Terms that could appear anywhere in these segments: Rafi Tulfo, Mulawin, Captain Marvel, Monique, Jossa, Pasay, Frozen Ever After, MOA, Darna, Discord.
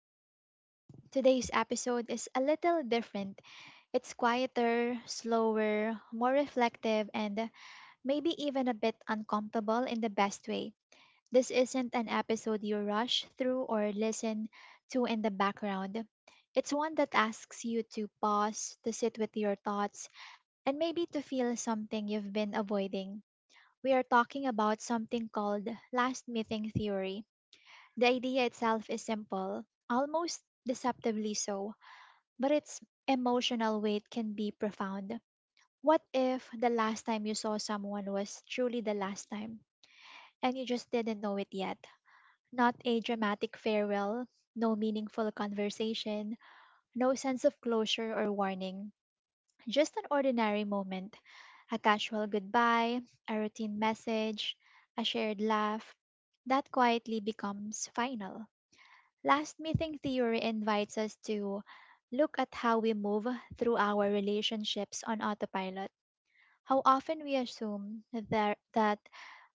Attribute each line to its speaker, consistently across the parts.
Speaker 1: my podcast. Today's episode is a little different. It's quieter, slower, more reflective, and maybe even a bit uncomfortable in the best way. This isn't an episode you rush through or listen to in the background. It's one that asks you to pause, to sit with your thoughts, and maybe to feel something you've been avoiding. We are talking about something called last meeting theory. The idea itself is simple, almost deceptively so, but its emotional weight can be profound. What if the last time you saw someone was truly the last time, and you just didn't know it yet? Not a dramatic farewell, no meaningful conversation, no sense of closure or warning, just an ordinary moment. A casual goodbye, a routine message, a shared laugh, that quietly becomes final. Last meeting theory invites us to look at how we move through our relationships on autopilot. How often we assume that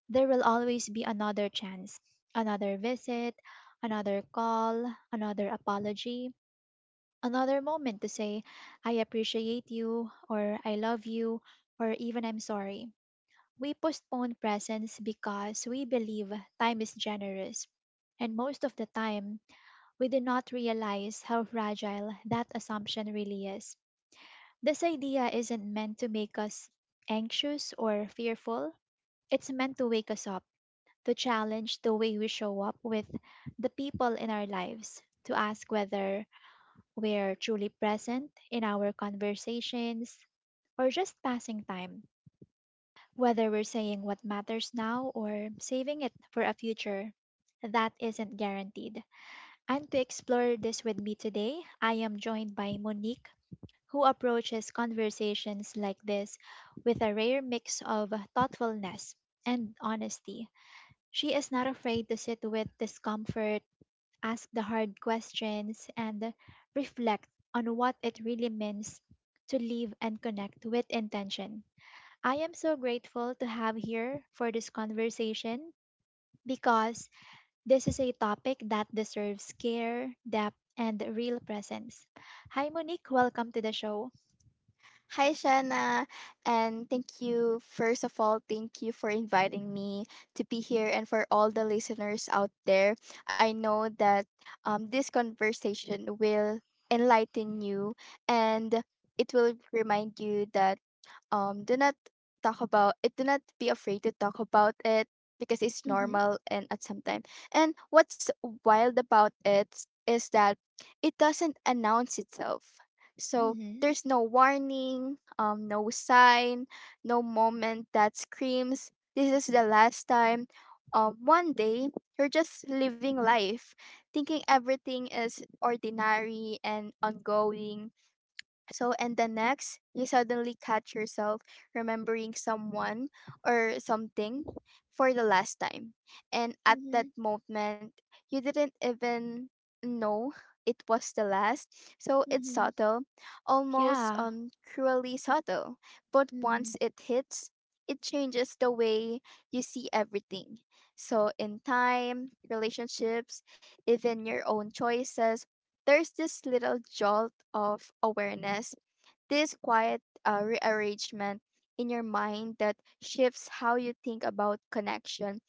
Speaker 1: there will always be another chance, another visit, another call, another apology, another moment to say, I appreciate you, or I love you, or even I'm sorry. We postpone presence because we believe time is generous. And most of the time, we do not realize how fragile that assumption really is. This idea isn't meant to make us anxious or fearful, it's meant to wake us up, to challenge the way we show up with the people in our lives, to ask whether we're truly present in our conversations or just passing time, whether we're saying what matters now or saving it for a future that isn't guaranteed. And to explore this with me today, I am joined by Monique, who approaches conversations like this with a rare mix of thoughtfulness and honesty. She is not afraid to sit with discomfort, ask the hard questions, and reflect on what it really means to live and connect with intention. I am so grateful to have here for this conversation because this is a topic that deserves care, depth, and real presence. Hi, Monique. Welcome to the show.
Speaker 2: Hi, Shanna, and thank you. First of all, thank you for inviting me to be here and for all the listeners out there. I know that this conversation will enlighten you, and it will remind you that, do not talk about it, do not be afraid to talk about it because it's
Speaker 1: Mm-hmm.
Speaker 2: normal and at some time. And what's wild about it is that it doesn't announce itself, so
Speaker 1: Mm-hmm.
Speaker 2: there's no warning, no sign, no moment that screams this is the last time. One day you're just living life, thinking everything is ordinary and ongoing, and the next, you suddenly catch yourself remembering someone or something for the last time. And at
Speaker 1: Mm-hmm.
Speaker 2: that moment, you didn't even know it was the last. So, it's
Speaker 1: Mm-hmm.
Speaker 2: subtle, almost
Speaker 1: Yeah.
Speaker 2: cruelly subtle. But
Speaker 1: Mm-hmm.
Speaker 2: once it hits, it changes the way you see everything. So, in time, relationships, even your own choices, there's this little jolt of awareness, this quiet rearrangement in your mind that shifts how you think about connection,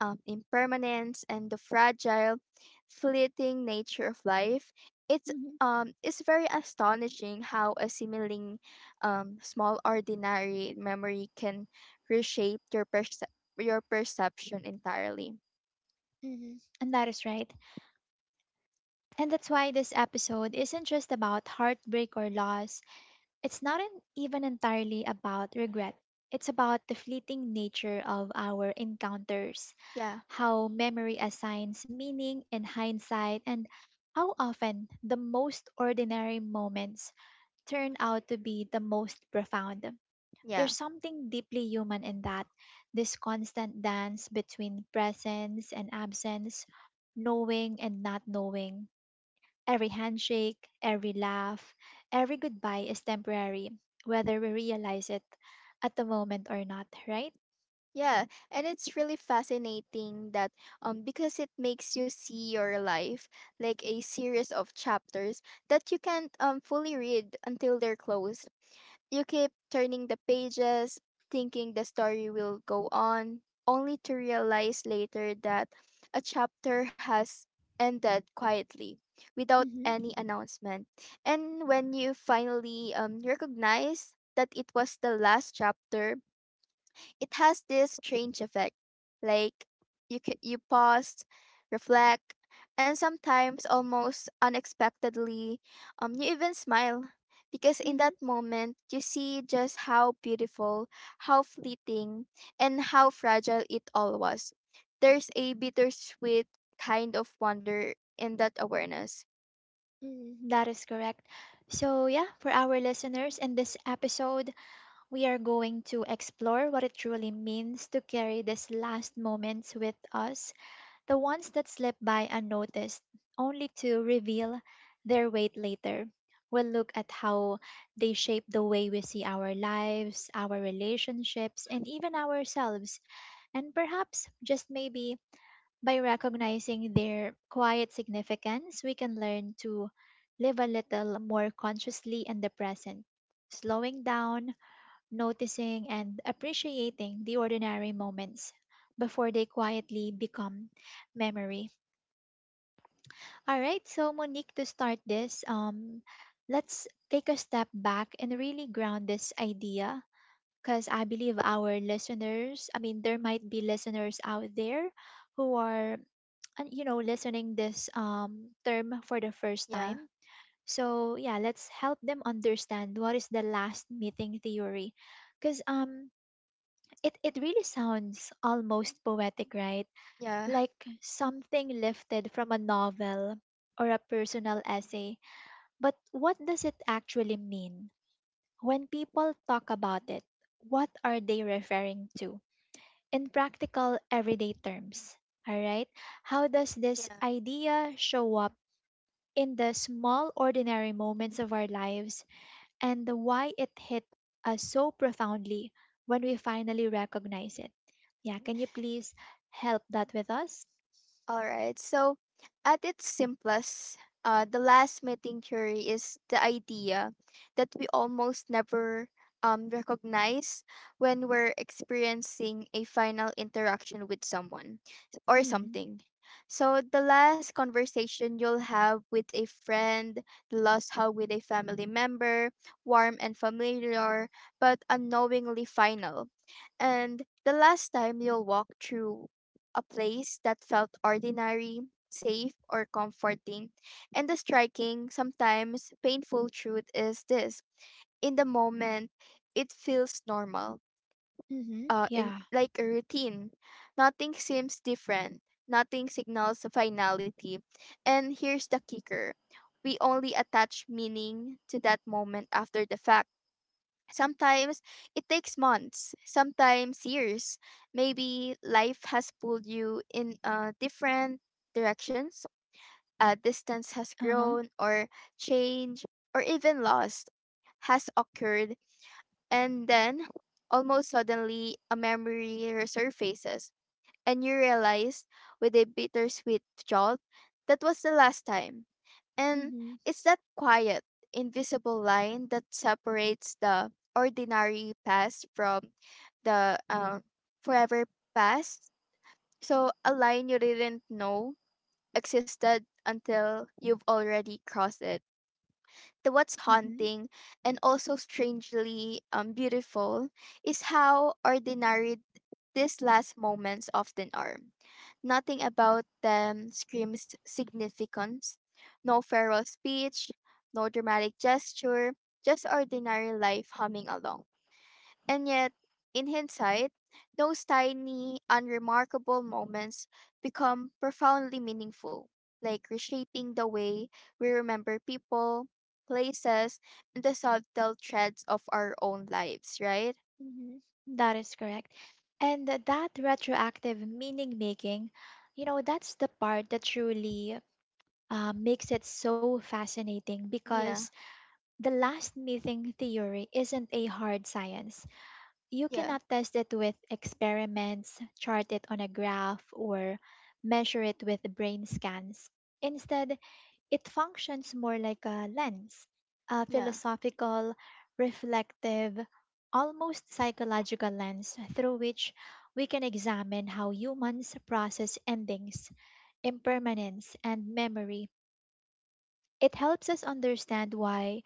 Speaker 2: impermanence, and the fragile, fleeting nature of life. It's
Speaker 1: Mm-hmm.
Speaker 2: it's very astonishing how a seemingly small, ordinary memory can reshape your perception entirely.
Speaker 1: Mm-hmm. And that is right. And that's why this episode isn't just about heartbreak or loss. It's not even entirely about regret. It's about the fleeting nature of our encounters,
Speaker 2: Yeah,
Speaker 1: how memory assigns meaning in hindsight, and how often the most ordinary moments turn out to be the most profound.
Speaker 2: yeah,
Speaker 1: There's something deeply human in that, this constant dance between presence and absence, knowing and not knowing. Every handshake, every laugh, every goodbye is temporary, whether we realize it at the moment or not, right?
Speaker 2: yeah. And it's really fascinating that, because it makes you see your life like a series of chapters that you can't fully read until they're closed. You keep turning the pages, thinking the story will go on, only to realize later that a chapter has ended quietly without
Speaker 1: Mm-hmm.
Speaker 2: any announcement. And when you finally recognize that it was the last chapter, it has this strange effect. Like, you pause, reflect, and sometimes almost unexpectedly, you even smile, because in
Speaker 1: Mm-hmm.
Speaker 2: that moment you see just how beautiful, how fleeting, and how fragile it all was. There's a bittersweet kind of wonder in that awareness.
Speaker 1: Mm, that is correct. So, yeah, for our listeners in this episode, we are going to explore what it truly means to carry these last moments with us, the ones that slip by unnoticed, only to reveal their weight later. We'll look at how they shape the way we see our lives, our relationships, and even ourselves. And perhaps, just maybe, by recognizing their quiet significance, we can learn to live a little more consciously in the present, slowing down, noticing, and appreciating the ordinary moments before they quietly become memory. All right, so Monique, to start this, let's take a step back and really ground this idea because I believe our listeners, I mean, there might be listeners out there who are, you know, listening this term for the first
Speaker 2: Yeah,
Speaker 1: time. So yeah, let's help them understand what is the last meeting theory, because it really sounds almost poetic, right?
Speaker 2: yeah,
Speaker 1: Like something lifted from a novel or a personal essay, but what does it actually mean? When people talk about it, what are they referring to? In practical, everyday terms, alright? How does this
Speaker 2: yeah.
Speaker 1: idea show up in the small, ordinary moments of our lives and why it hit us so profoundly when we finally recognize it? Yeah, can you please help that with us?
Speaker 2: All right. So, at its simplest, the last meeting theory is the idea that we almost never recognize when we're experiencing a final interaction with someone or
Speaker 1: Mm,
Speaker 2: something. So, the last conversation you'll have with a friend, the last hug with a family member, warm and familiar, but unknowingly final. And the last time you'll walk through a place that felt ordinary, safe, or comforting. And the striking, sometimes painful truth is this: in the moment, it feels normal,
Speaker 1: mm-hmm,
Speaker 2: in,
Speaker 1: yeah,
Speaker 2: like, a routine. Nothing seems different, nothing signals a finality. And here's the kicker: we only attach meaning to that moment after the fact. Sometimes it takes months, sometimes years. Maybe life has pulled you in different directions, distance has
Speaker 1: uh huh,
Speaker 2: grown, or change, or even loss, has occurred. And then, almost suddenly, a memory resurfaces, and you realize with a bittersweet jolt, that was the last time. And
Speaker 1: mm-hmm,
Speaker 2: it's that quiet, invisible line that separates the ordinary past from the forever past. So, a line you didn't know existed until you've already crossed it. The what's
Speaker 1: mm-hmm.
Speaker 2: haunting and also strangely beautiful is how ordinary these last moments often are. Nothing about them screams significance. No farewell speech, no dramatic gesture, just ordinary life humming along. And yet, in hindsight, those tiny, unremarkable moments become profoundly meaningful, like reshaping the way we remember people, places, and the subtle threads of our own lives, right?
Speaker 1: Mhm. That is correct. And that retroactive meaning making, you know, that's the part that truly makes it so fascinating
Speaker 2: Yeah,
Speaker 1: because the last meeting theory isn't a hard science. You
Speaker 2: yeah,
Speaker 1: cannot test it with experiments, chart it on a graph, or measure it with brain scans. Instead, it functions more like a lens, a
Speaker 2: yeah,
Speaker 1: philosophical, reflective, almost psychological lens through which we can examine how humans process endings, impermanence, and memory. It helps us understand why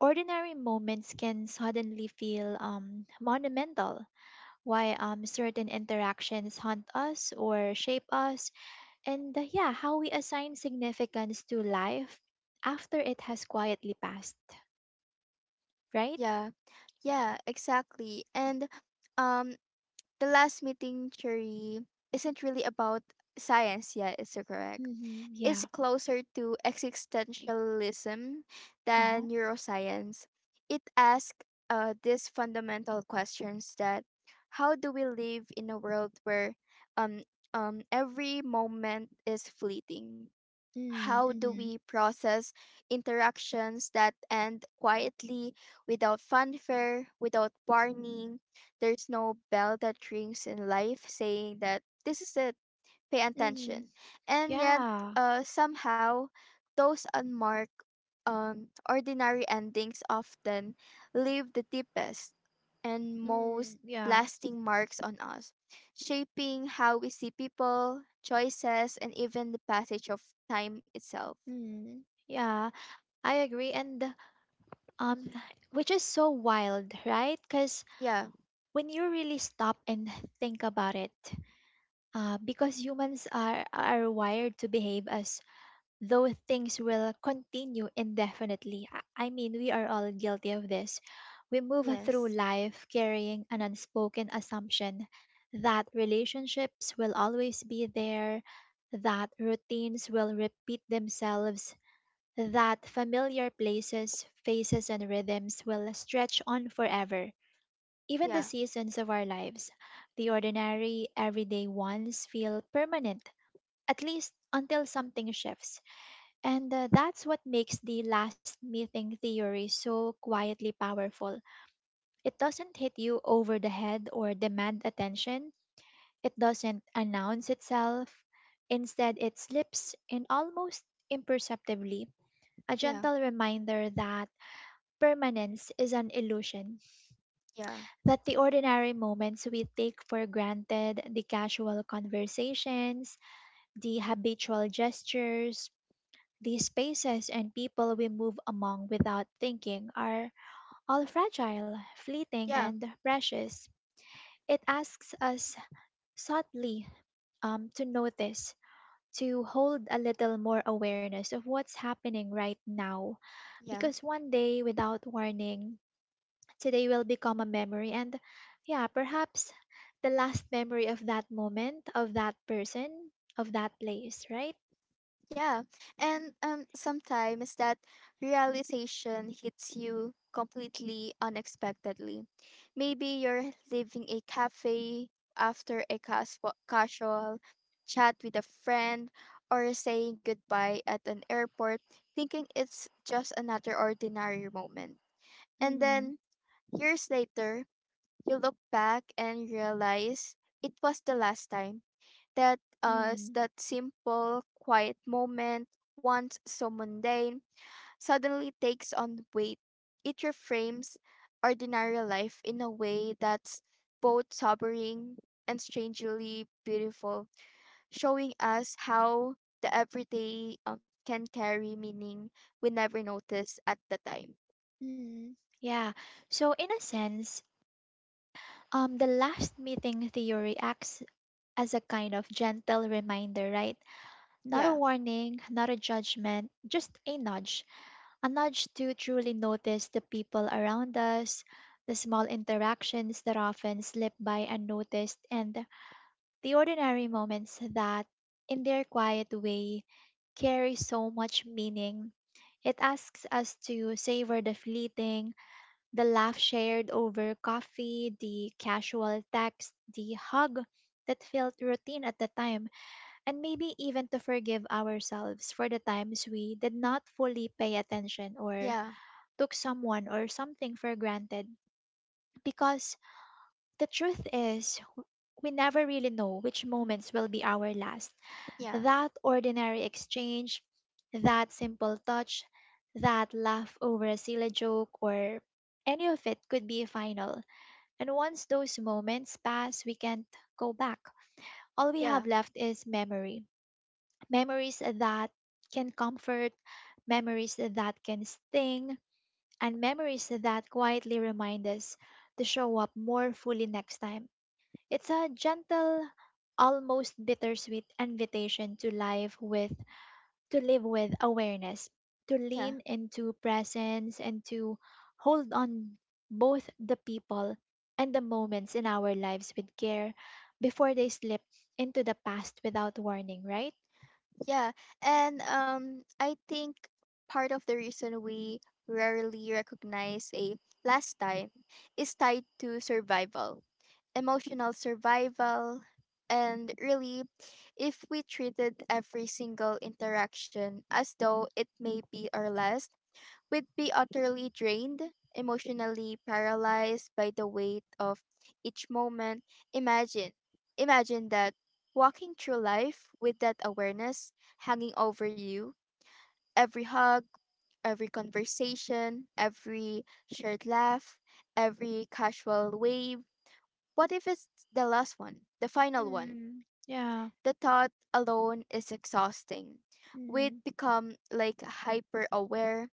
Speaker 1: ordinary moments can suddenly feel monumental, why certain interactions haunt us or shape us, and yeah, how we assign significance to life after it has quietly passed, right?
Speaker 2: yeah, yeah, exactly. And, um, the last meeting, Cherry, isn't really about science yet, is it correct?
Speaker 1: Mm-hmm,
Speaker 2: It's
Speaker 1: yeah.
Speaker 2: closer to existentialism
Speaker 1: Uh-huh.
Speaker 2: than neuroscience. It asks these fundamental questions that, how do we live in a world where, um, every moment is fleeting? How do
Speaker 1: Mm-hmm,
Speaker 2: we process interactions that end quietly, without fanfare, without warning? There's no bell that rings in life saying that this is it, pay
Speaker 1: mm-hmm.
Speaker 2: attention. And yet,
Speaker 1: Yeah.
Speaker 2: somehow, those unmarked, ordinary endings often leave the deepest and most
Speaker 1: Mm, yeah.
Speaker 2: lasting marks on us, shaping how we see people, choices, and even the passage of time itself.
Speaker 1: Mm, yeah. I agree. And um, which is so wild, right? Because
Speaker 2: Yeah,
Speaker 1: when you really stop and think about it, because humans are wired to behave as though things will continue indefinitely. I mean, we are all guilty of this. We move through
Speaker 2: yes,
Speaker 1: life carrying an unspoken assumption that relationships will always be there, that routines will repeat themselves, that familiar places, faces, and rhythms will stretch on forever. Even the
Speaker 2: yeah,
Speaker 1: seasons of our lives, the ordinary, everyday ones, feel permanent, at least until something shifts, and that's what makes the last meeting theory so quietly powerful. It doesn't hit you over the head or demand attention, it doesn't announce itself. Instead, it slips in almost imperceptibly, a
Speaker 2: yeah,
Speaker 1: gentle reminder that permanence is an illusion,
Speaker 2: yeah,
Speaker 1: that the ordinary moments we take for granted, the casual conversations, the habitual gestures, these spaces and people we move among without thinking are all fragile, fleeting,
Speaker 2: yeah,
Speaker 1: and precious. It asks us subtly to notice, to hold a little more awareness of what's happening right now.
Speaker 2: yeah.
Speaker 1: Because one day, without warning, today will become a memory, and yeah, perhaps the last memory of that moment, of that person, of that place, right?
Speaker 2: Yeah. And sometimes that realization hits you completely unexpectedly. Maybe you're leaving a cafe after a casual chat with a friend, or saying goodbye at an airport, thinking it's just another ordinary moment. And then
Speaker 1: Mm-hmm.
Speaker 2: years later, you look back and realize it was the last time, that
Speaker 1: Mm.
Speaker 2: us, that simple, quiet moment, once so mundane, suddenly takes on weight. It reframes ordinary life in a way that's both sobering and strangely beautiful, showing us how the everyday can carry meaning we never noticed at the time.
Speaker 1: Mm, yeah. So in a sense, the last meeting theory acts as a kind of gentle reminder, right? Not a
Speaker 2: Yeah,
Speaker 1: warning, not a judgment, just a nudge. A nudge to truly notice the people around us, the small interactions that often slip by unnoticed, and the ordinary moments that, in their quiet way, carry so much meaning. It asks us to savor the fleeting, the laugh shared over coffee, the casual text, the hug that felt routine at the time, and maybe even to forgive ourselves for the times we did not fully pay attention or
Speaker 2: yeah,
Speaker 1: took someone or something for granted. Because the truth is, we never really know which moments will be our last.
Speaker 2: yeah,
Speaker 1: That ordinary exchange, that simple touch, that laugh over a silly joke, or any of it could be final. And once those moments pass, we can't go back. All we
Speaker 2: yeah,
Speaker 1: have left is memory. Memories that can comfort, memories that can sting, and memories that quietly remind us to show up more fully next time. It's a gentle, almost bittersweet invitation to live with awareness, to
Speaker 2: yeah.
Speaker 1: lean into presence, and to hold on both the people and the moments in our lives with care before they slip into the past without warning, right?
Speaker 2: Yeah, and I think part of the reason we rarely recognize a last time is tied to survival, emotional survival, and really, if we treated every single interaction as though it may be our last, we'd be utterly drained, emotionally paralyzed by the weight of each moment. Imagine, imagine that, walking through life with that awareness hanging over you. Every hug, every conversation, every shared laugh, every casual wave. What if it's the last one, the final one?
Speaker 1: Mm-hmm. Yeah.
Speaker 2: The thought alone is exhausting. We'd
Speaker 1: Mm-hmm.
Speaker 2: become like hyper aware,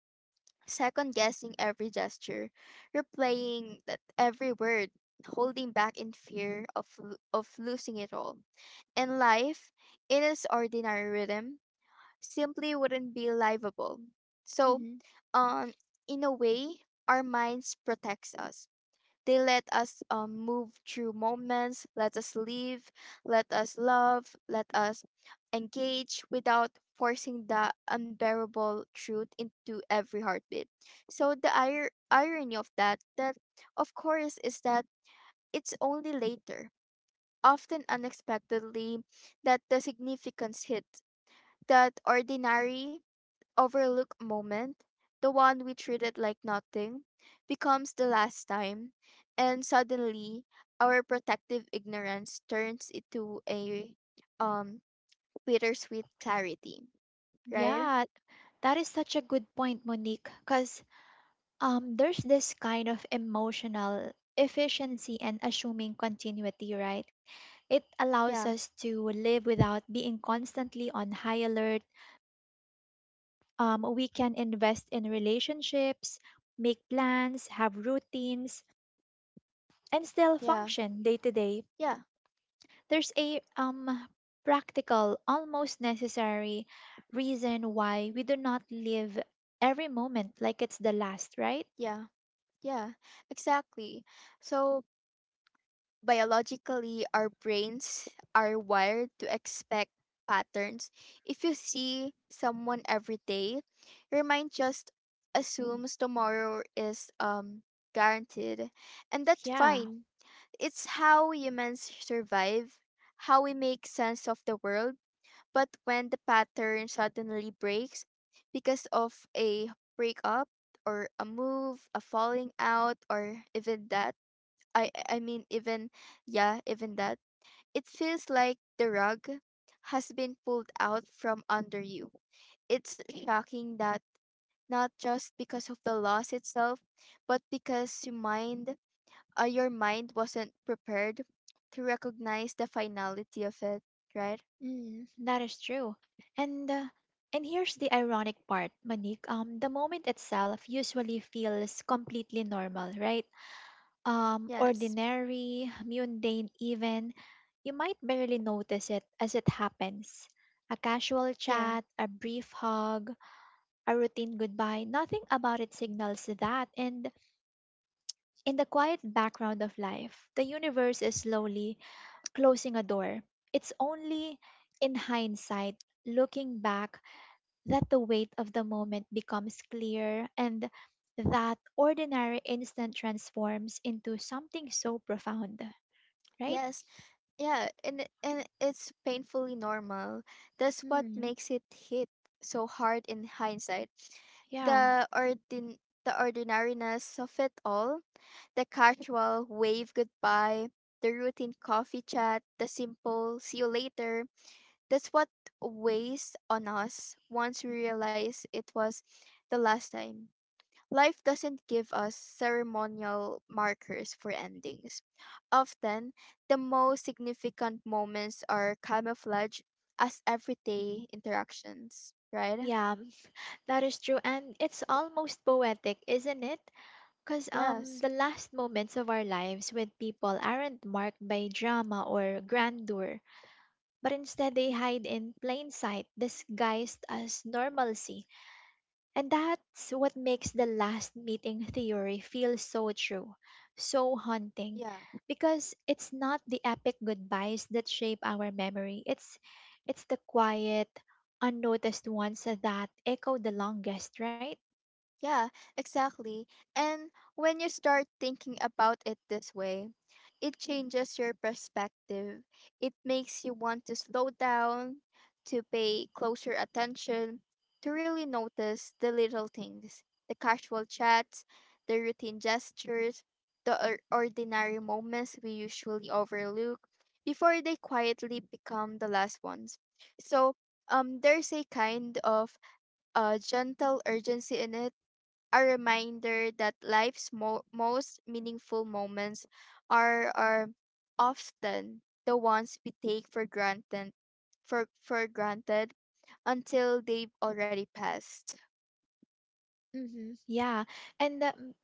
Speaker 2: second guessing every gesture, replaying that every word, holding back in fear of of losing it all. And life, in its ordinary rhythm, simply wouldn't be livable. So,
Speaker 1: Hmm.
Speaker 2: um, in a way, our minds protects us. They let us move through moments, let us live, let us love, let us engage without forcing the unbearable truth into every heartbeat. So the irony of that, of course, is that it's only later, often unexpectedly, that the significance hits. That ordinary, overlooked moment, the one we treated like nothing, becomes the last time, and suddenly our protective ignorance turns into a um bittersweet clarity, right?
Speaker 1: Yeah, that is such a good point, Monique, because there's this kind of emotional efficiency and assuming continuity, right? It allows us
Speaker 2: Yeah,
Speaker 1: to live without being constantly on high alert. We can invest in relationships, make plans, have routines, and still
Speaker 2: yeah,
Speaker 1: function day to day.
Speaker 2: yeah,
Speaker 1: There's a practical, almost necessary reason why we do not live every moment like it's the last, right?
Speaker 2: yeah, yeah, exactly. So, biologically our brains are wired to expect patterns. If you see someone every day, your mind just assumes tomorrow is guaranteed, and that's
Speaker 1: Yeah.
Speaker 2: fine. It's how humans survive, how we make sense of the world. But when the pattern suddenly breaks because of a breakup, or a move, a falling out, or even death, I mean even, yeah, even that. It feels like the rug has been pulled out from under you. It's shocking, that not just because of the loss itself, but because your mind, your mind wasn't prepared to recognize the finality of it, right?
Speaker 1: Mm, that is true. And uh, and here's the ironic part, Manik. The moment itself usually feels completely normal, right?
Speaker 2: Yes.
Speaker 1: Ordinary, mundane, even. You might barely notice it as it happens. A casual
Speaker 2: Yeah.
Speaker 1: chat, a brief hug, a routine goodbye, nothing about it signals that. And in the quiet background of life, the universe is slowly closing a door. It's only in hindsight, looking back, that the weight of the moment becomes clear and that ordinary instant transforms into something so profound, right?
Speaker 2: Yes. Yeah, and and it's painfully normal. That's what
Speaker 1: Hmm.
Speaker 2: makes it hit so hard in hindsight.
Speaker 1: Yeah.
Speaker 2: The ordinariness of it all, the casual wave goodbye, the routine coffee chat, the simple see you later. That's what weighs on us once we realize it was the last time. Life doesn't give us ceremonial markers for endings. Often, the most significant moments are camouflaged as everyday interactions, right?
Speaker 1: Yeah, that is true. And it's almost poetic, isn't it? Because
Speaker 2: Yes.
Speaker 1: the last moments of our lives with people aren't marked by drama or grandeur, but instead they hide in plain sight, disguised as normalcy. And that's what makes the last meeting theory feel so true, so haunting,
Speaker 2: Yeah.
Speaker 1: because it's not the epic goodbyes that shape our memory. It's the quiet, unnoticed ones that echo the longest, right?
Speaker 2: Yeah, exactly. And when you start thinking about it this way, it changes your perspective. It makes you want to slow down, to pay closer attention, to really notice the little things, the casual chats, the routine gestures, the ordinary moments we usually overlook before they quietly become the last ones. So, there's a kind of gentle urgency in it, a reminder that life's most meaningful moments are often the ones we take for granted for granted, until they've already passed.
Speaker 1: Mm-hmm. Yeah, and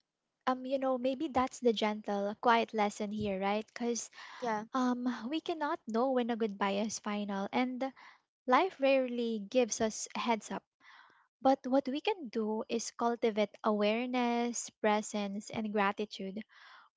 Speaker 1: You know, maybe that's the gentle, quiet lesson here, right? Because
Speaker 2: Yeah,
Speaker 1: we cannot know when a goodbye is final, and life rarely gives us a heads up. But what we can do is cultivate awareness, presence, and gratitude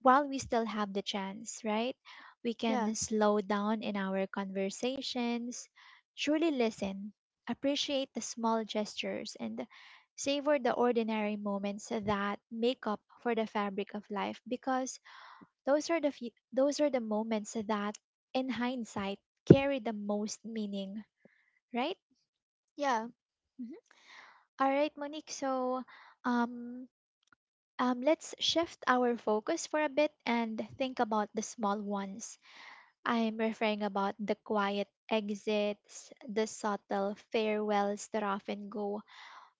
Speaker 1: while we still have the chance, right? We
Speaker 2: yeah,
Speaker 1: can slow down in our conversations, truly listen, appreciate the small gestures, and savor the ordinary moments that make up for the fabric of life because those are the moments that in hindsight carry the most meaning, right?
Speaker 2: yeah,
Speaker 1: Mhm. All right, Monique. So, um, let's shift our focus for a bit and think about the small ones. I'm referring about the quiet exits, the subtle farewells that often go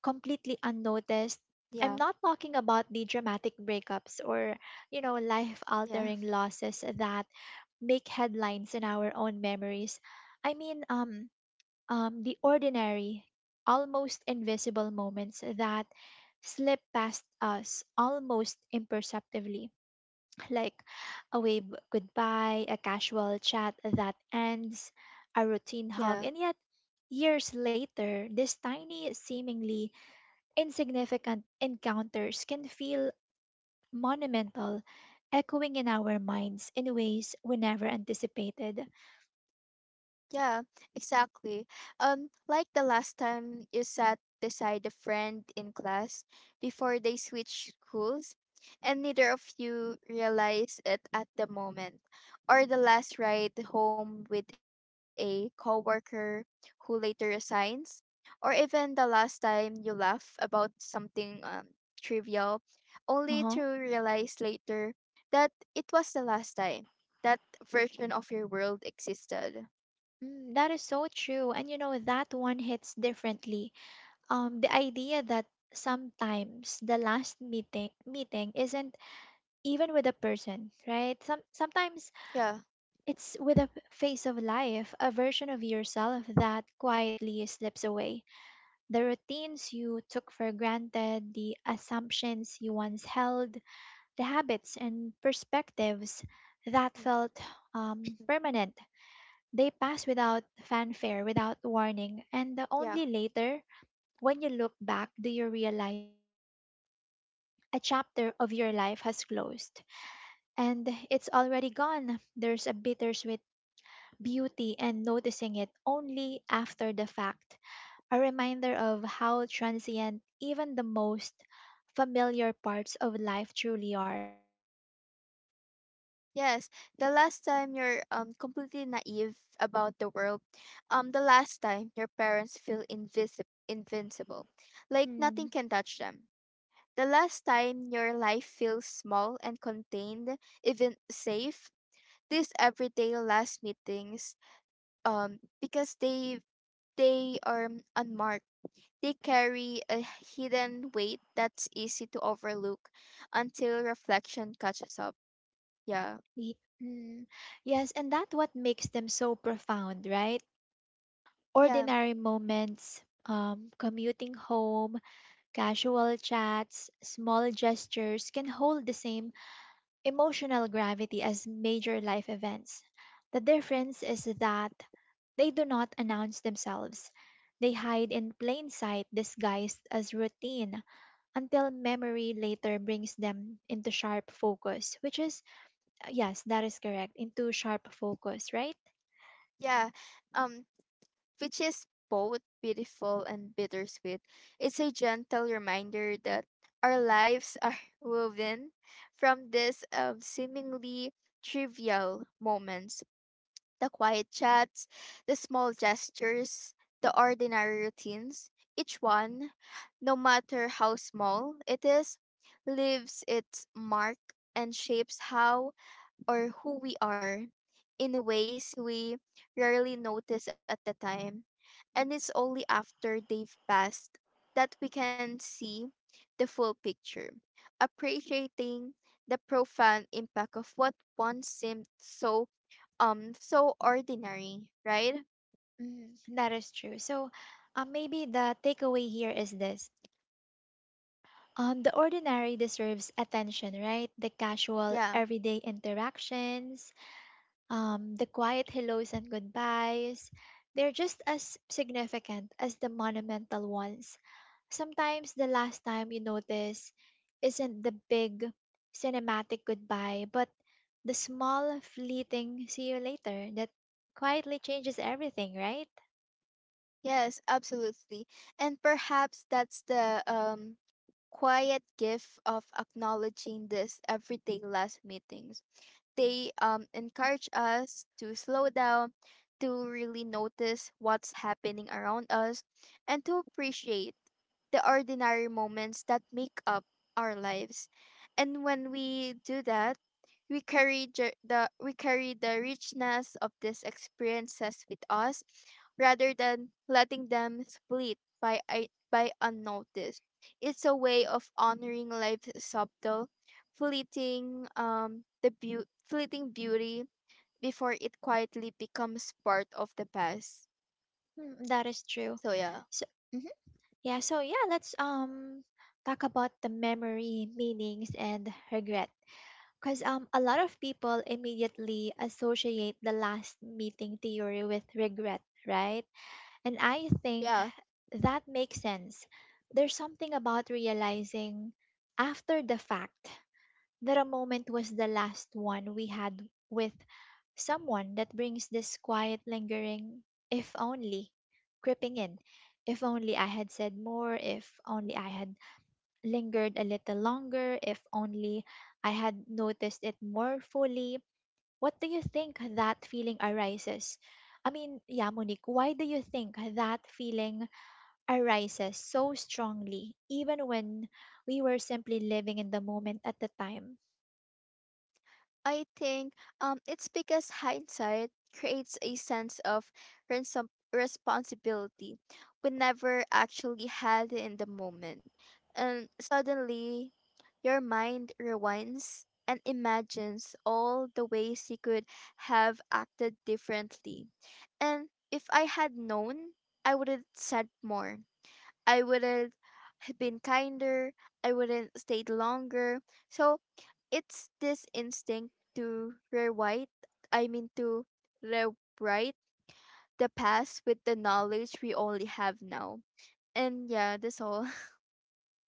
Speaker 1: completely unnoticed. I'm
Speaker 2: yeah,
Speaker 1: not talking about the dramatic breakups or, you know, life
Speaker 2: yeah,
Speaker 1: altering losses that make headlines in our own memories. I mean, um, the ordinary, almost invisible moments that slip past us almost imperceptibly, like a wave goodbye, a casual chat that ends, a routine hug,
Speaker 2: yeah.
Speaker 1: and yet years later, these tiny, seemingly insignificant encounters can feel monumental, echoing in our minds in ways we never anticipated.
Speaker 2: Yeah, exactly. Like the last time you sat beside a friend in class before they switched schools, and neither of you realized it at the moment, or the last ride home with a coworker who later resigns, or even the last time you laugh about something trivial, only to
Speaker 1: Uh-huh.
Speaker 2: realize later that it was the last time that version of your world existed.
Speaker 1: Mm, that is so true. And you know, that one hits differently the idea that sometimes the last meeting isn't even with a person, right? Sometimes
Speaker 2: Yeah.
Speaker 1: it's with a phase of life, a version of yourself that quietly slips away, the routines you took for granted, the assumptions you once held, the habits and perspectives that
Speaker 2: Mm,
Speaker 1: felt permanent. They pass without fanfare, without warning, and only
Speaker 2: yeah.
Speaker 1: later, when you look back, do you realize that a chapter of your life has closed and it's already gone. There's a bittersweet beauty and noticing it only after the fact, a reminder of how transient even the most familiar parts of life truly are, right?
Speaker 2: Yes. The last time you're completely naive about the world, the last time your parents feel invisible invincible. Like
Speaker 1: Mm.
Speaker 2: nothing can touch them. The last time your life feels small and contained, even safe. These everyday last meetings, because they are unmarked. They carry a hidden weight that's easy to overlook until reflection catches up. Yeah.
Speaker 1: Mm. Yes, and that what makes them so profound, right?
Speaker 2: Yeah.
Speaker 1: Ordinary moments, commuting home, casual chats, small gestures can hold the same emotional gravity as major life events. The difference is that they do not announce themselves. They hide in plain sight disguised as routine until memory later brings them into sharp focus, which is, yes, that is correct, into sharp focus, right?
Speaker 2: Yeah, um, which is both beautiful and bittersweet. It's a gentle reminder that our lives are woven from these seemingly trivial moments, the quiet chats, the small gestures, the ordinary routines. Each one, no matter how small it is, leaves its mark and shapes how or who we are in ways we rarely notice at the time. And it's only after they've passed that we can see the full picture, appreciating the profound impact of what once seemed so so ordinary, right?
Speaker 1: Mm, that is true. So maybe the takeaway here is this. The ordinary deserves attention, right? The casual,
Speaker 2: Yeah.
Speaker 1: everyday interactions, the quiet hellos and goodbyes, they're just as significant as the monumental ones. Sometimes the last time you notice isn't the big cinematic goodbye, but the small, fleeting see you later that quietly changes everything, right?
Speaker 2: Yes, absolutely. And perhaps that's the quiet gift of acknowledging this everyday last meetings, they encourage us to slow down, to really notice what's happening around us, and to appreciate the ordinary moments that make up our lives. And when we do that, we carry ju- the we carry the richness of these experiences with us rather than letting them split by unnoticed. It's a way of honoring life's subtle fleeting fleeting beauty before it quietly becomes part of the past.
Speaker 1: Hmm, that is true.
Speaker 2: So yeah.
Speaker 1: So, mhm. Yeah, so yeah, let's talk about the memory, meanings, and regret. Because a lot of people immediately associate the last meeting theory with regret, right? And I think
Speaker 2: Yeah,
Speaker 1: that makes sense. There's something about realizing after the fact that a moment was the last one we had with someone that brings this quiet, lingering, if only, creeping in. If only I had said more, if only I had lingered a little longer, if only I had noticed it more fully. What do you think that feeling arises? Monique, why do you think that feeling arises so strongly, even when we were simply living in the moment at the time.
Speaker 2: I think it's because hindsight creates a sense of responsibility we never actually had in the moment. And suddenly, your mind rewinds and imagines all the ways you could have acted differently. And if I had known, I would have said more. I wouldn't have been kinder. I wouldn't stayed longer. So it's this instinct to rewrite. I mean to rewrite the past with the knowledge we only have now. And yeah, that's all.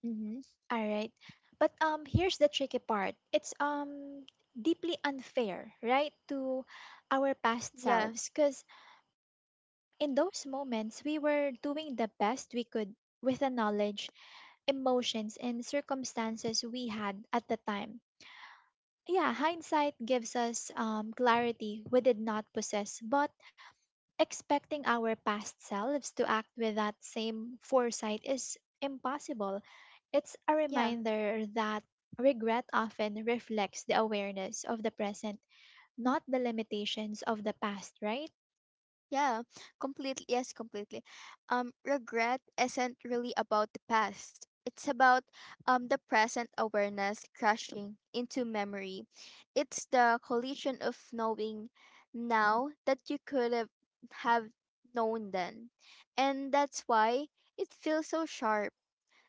Speaker 1: Mm-hmm. All right. But here's the tricky part. It's deeply unfair, right, to our past
Speaker 2: yeah,
Speaker 1: selves because in those moments we were doing the best we could with the knowledge emotions and circumstances we had at the time. Yeah, hindsight gives us clarity we did not possess, but expecting our past selves to act with that same foresight is impossible. It's a
Speaker 2: yeah.
Speaker 1: reminder that regret often reflects the awareness of the present, not the limitations of the past, right?
Speaker 2: Yeah, completely. Yes, completely. Regret isn't really about the past. It's about the present awareness crashing into memory. It's the collision of knowing now that you could have known then, and that's why it feels so sharp.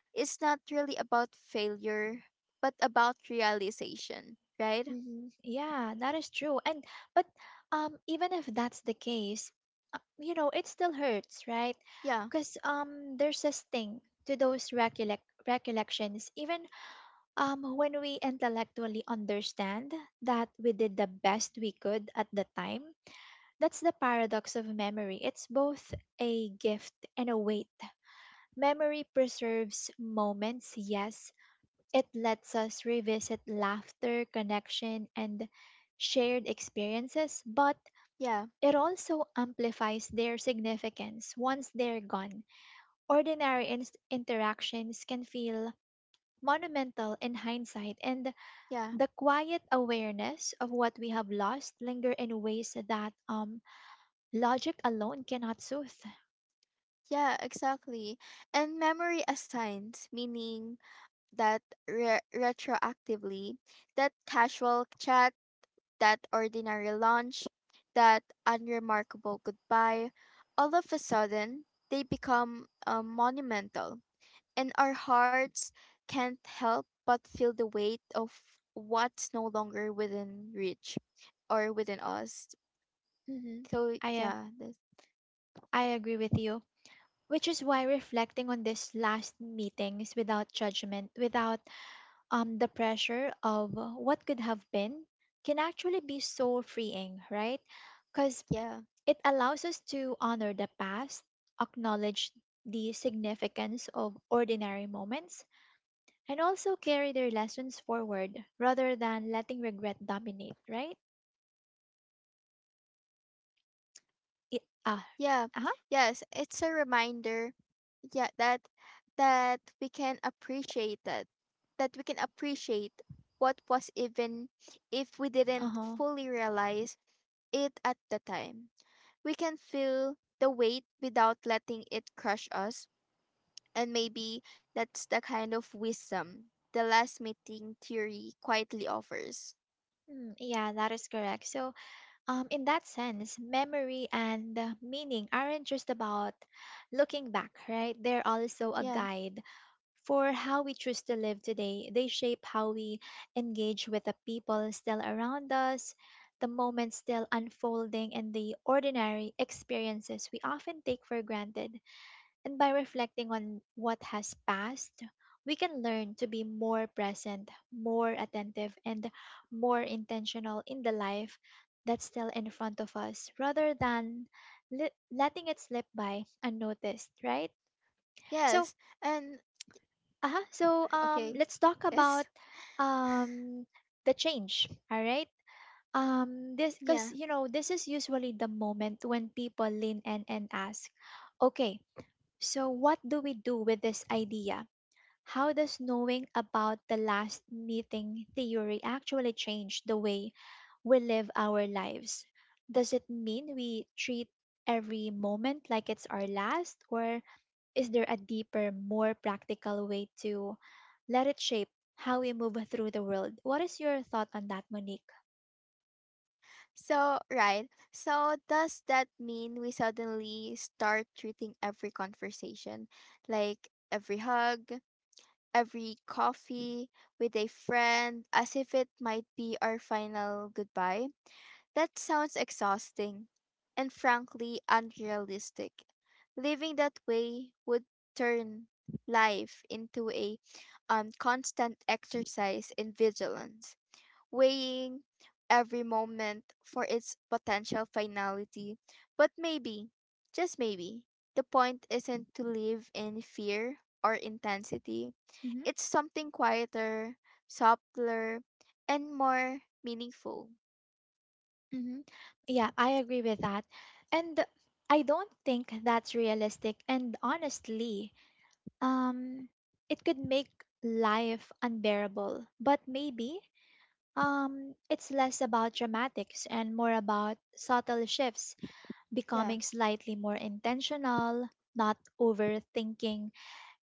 Speaker 2: It's not really about failure, but about realization, right?
Speaker 1: Hmm. Yeah, that is true. And but even if that's the case, you know, it still hurts, right?
Speaker 2: Yeah,
Speaker 1: Because there's a sting to those recollections, even when we intellectually understand that we did the best we could at the time. That's the paradox of memory. It's both a gift and a weight. Memory preserves moments, yes, it lets us revisit laughter, connection, and shared experiences, but
Speaker 2: yeah,
Speaker 1: it also amplifies their significance once they're gone. Ordinary interactions can feel monumental in hindsight, and
Speaker 2: yeah.
Speaker 1: the quiet awareness of what we have lost linger in ways that logic alone cannot soothe.
Speaker 2: Yeah, exactly. And memory assigns, meaning that retroactively, that casual chat, that ordinary lunch, that unremarkable goodbye, all of a sudden, they become monumental. And our hearts can't help but feel the weight of what's no longer within reach or within us.
Speaker 1: Hmm.
Speaker 2: So,
Speaker 1: I, uh,
Speaker 2: yeah,
Speaker 1: I agree with you, which is why reflecting on these last meetings without judgment, without the pressure of what could have been can actually be so freeing, right? Because
Speaker 2: yeah.
Speaker 1: it allows us to honor the past, acknowledge the significance of ordinary moments, and also carry their lessons forward rather than letting regret dominate, right? It, uh,
Speaker 2: Yeah.
Speaker 1: uh-huh,
Speaker 2: Yes, it's a reminder yeah that that we can appreciate that that we can appreciate what was even if we didn't
Speaker 1: uh-huh.
Speaker 2: fully realize it at the time. We can feel the weight without letting it crush us, and maybe that's the kind of wisdom the last meeting theory quietly offers.
Speaker 1: Mm, yeah, that is correct. So, in that sense, memory and meaning aren't just about looking back, right? They're also a
Speaker 2: Yeah.
Speaker 1: guide for how we choose to live today. They shape how we engage with the people still around us, the moments still unfolding, and the ordinary experiences we often take for granted. And by reflecting on what has passed, we can learn to be more present, more attentive, and more intentional in the life that's still in front of us rather than letting it slip by unnoticed, right? So,
Speaker 2: Yes. And
Speaker 1: uh-huh. So
Speaker 2: okay.
Speaker 1: let's talk about
Speaker 2: Yes.
Speaker 1: um, the change. All right. This because
Speaker 2: Yeah.
Speaker 1: you know this is usually the moment when people lean in and ask, okay, so what do we do with this idea? How does knowing about the last meeting theory actually change the way we live our lives? Does it mean we treat every moment like it's our last, or is there a deeper, more practical way to let it shape how we move through the world? What is your thought on that, Monique?
Speaker 2: So, right. So, does that mean we suddenly start treating every conversation, like every hug, every coffee with a friend, as if it might be our final goodbye? That sounds exhausting and frankly unrealistic. Living that way would turn life into a constant exercise in vigilance weighing every moment for its potential finality. But maybe, just maybe, the point isn't to live in fear or intensity.
Speaker 1: Hmm.
Speaker 2: It's something quieter, subtler, and more meaningful.
Speaker 1: Hmm. Yeah, I agree with that. And I don't think that's realistic. And honestly, um, it could make life unbearable. But maybe it's less about dramatics and more about subtle shifts,
Speaker 2: Yeah.
Speaker 1: becoming slightly more intentional, not overthinking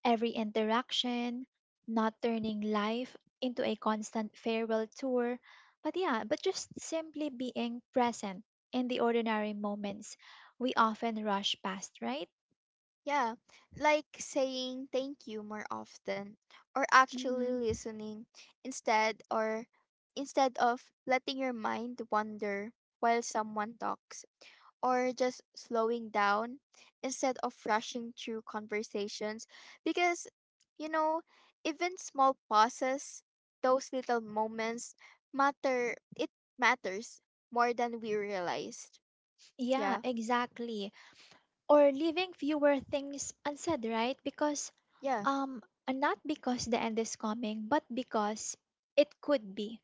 Speaker 1: every interaction, not turning life into a constant farewell tour. But yeah, but just simply being present in the ordinary moments we often rush past, right?
Speaker 2: Yeah, like saying thank you more often or actually
Speaker 1: Hmm.
Speaker 2: listening instead or instead of letting your mind wander while someone talks. Or just slowing down instead of rushing through conversations because you know even small pauses those little moments matter it matters more than we realized.
Speaker 1: Yeah,
Speaker 2: yeah
Speaker 1: exactly. Or leaving fewer things unsaid, right? Because
Speaker 2: yeah
Speaker 1: um, and not because the end is coming, but because it could be.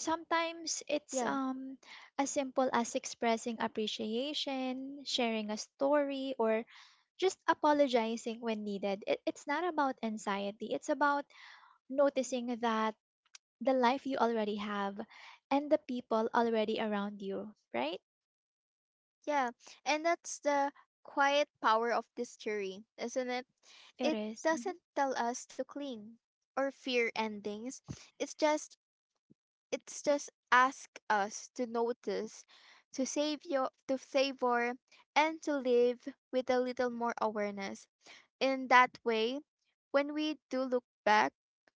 Speaker 1: Sometimes it's
Speaker 2: yeah
Speaker 1: as simple as expressing appreciation, sharing a story, or just apologizing when needed. It's not about anxiety. It's about noticing that the life you already have and the people already around you, right?
Speaker 2: yeah And that's the quiet power of this theory, isn't it?
Speaker 1: It
Speaker 2: It
Speaker 1: is.
Speaker 2: doesn't
Speaker 1: Mhm.
Speaker 2: tell us to cling or fear endings. it's just it's just ask us to notice, to savor, and to live with a little more awareness. In that way, when we do look back,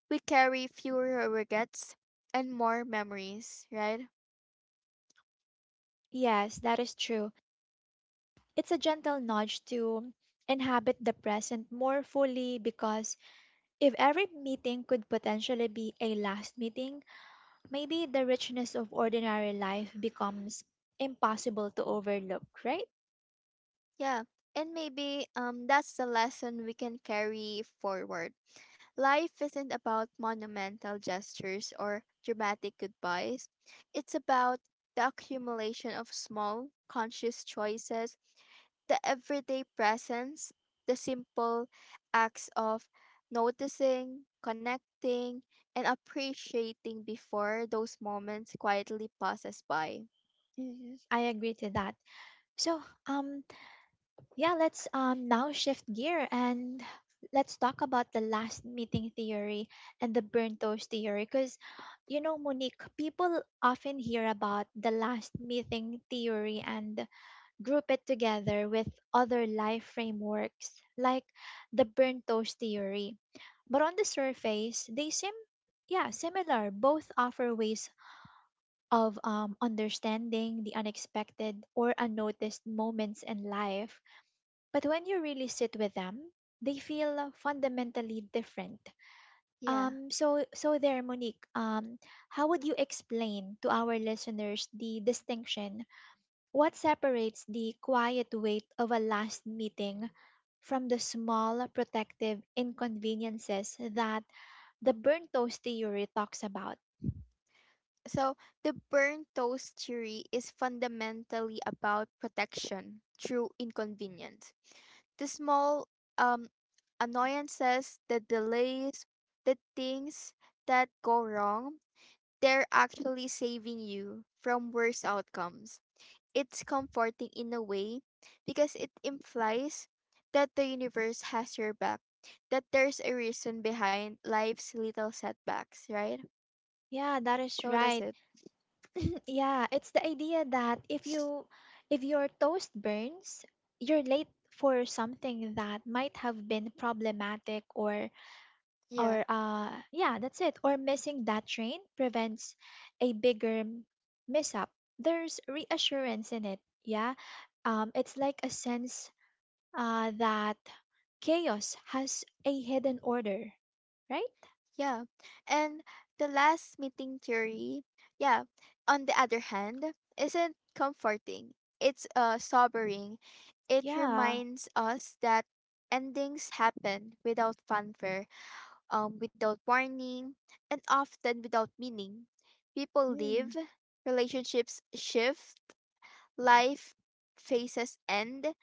Speaker 2: we carry fewer regrets and more memories, right?
Speaker 1: Yes, that is true. It's a gentle nudge to inhabit the present more fully because if every meeting could potentially be a last meeting, maybe the richness of ordinary life becomes impossible to overlook, right?
Speaker 2: Yeah, and maybe that's the lesson we can carry forward. Life isn't about monumental gestures or dramatic goodbyes. It's about the accumulation of small, conscious choices, the everyday presence, the simple acts of noticing, connecting, and appreciating before those moments quietly pass us by.
Speaker 1: Mhm. I agree to that. So, yeah, let's now shift gear and let's talk about the last meeting theory and the burnt toast theory. Because, you know, Monique, people often hear about the last meeting theory and group it together with other life frameworks like the burnt toast theory. But on the surface, they seem yeah, similar. Both offer ways of understanding the unexpected or unnoticed moments in life, but when you really sit with them, they feel fundamentally different.
Speaker 2: Yeah.
Speaker 1: So there, Monique, how would you explain to our listeners the distinction? What separates the quiet weight of a last meeting from the small protective inconveniences that the burnt toast theory talks about?
Speaker 2: So, the burnt toast theory is fundamentally about protection through inconvenience. The small um, annoyances, the delays, the things that go wrong, they're actually saving you from worse outcomes. It's comforting in a way because it implies that the universe has your back, that there's a reason behind life's little setbacks, right?
Speaker 1: Yeah, that is
Speaker 2: So, that's
Speaker 1: right.
Speaker 2: it.
Speaker 1: Yeah, it's the idea that if your toast burns, you're late for something that might have been problematic,
Speaker 2: Yeah.
Speaker 1: or yeah, that's it. Or missing that train prevents a bigger miss up. There's reassurance in it. Yeah. Um, it's like a sense that chaos has a hidden order, right?
Speaker 2: Yeah. And the last meeting theory, yeah, on the other hand, isn't comforting. It's sobering. It
Speaker 1: Yeah.
Speaker 2: reminds us that endings happen without fanfare, without warning, and often without meaning. People leave,
Speaker 1: Mm.
Speaker 2: relationships shift, life phases end,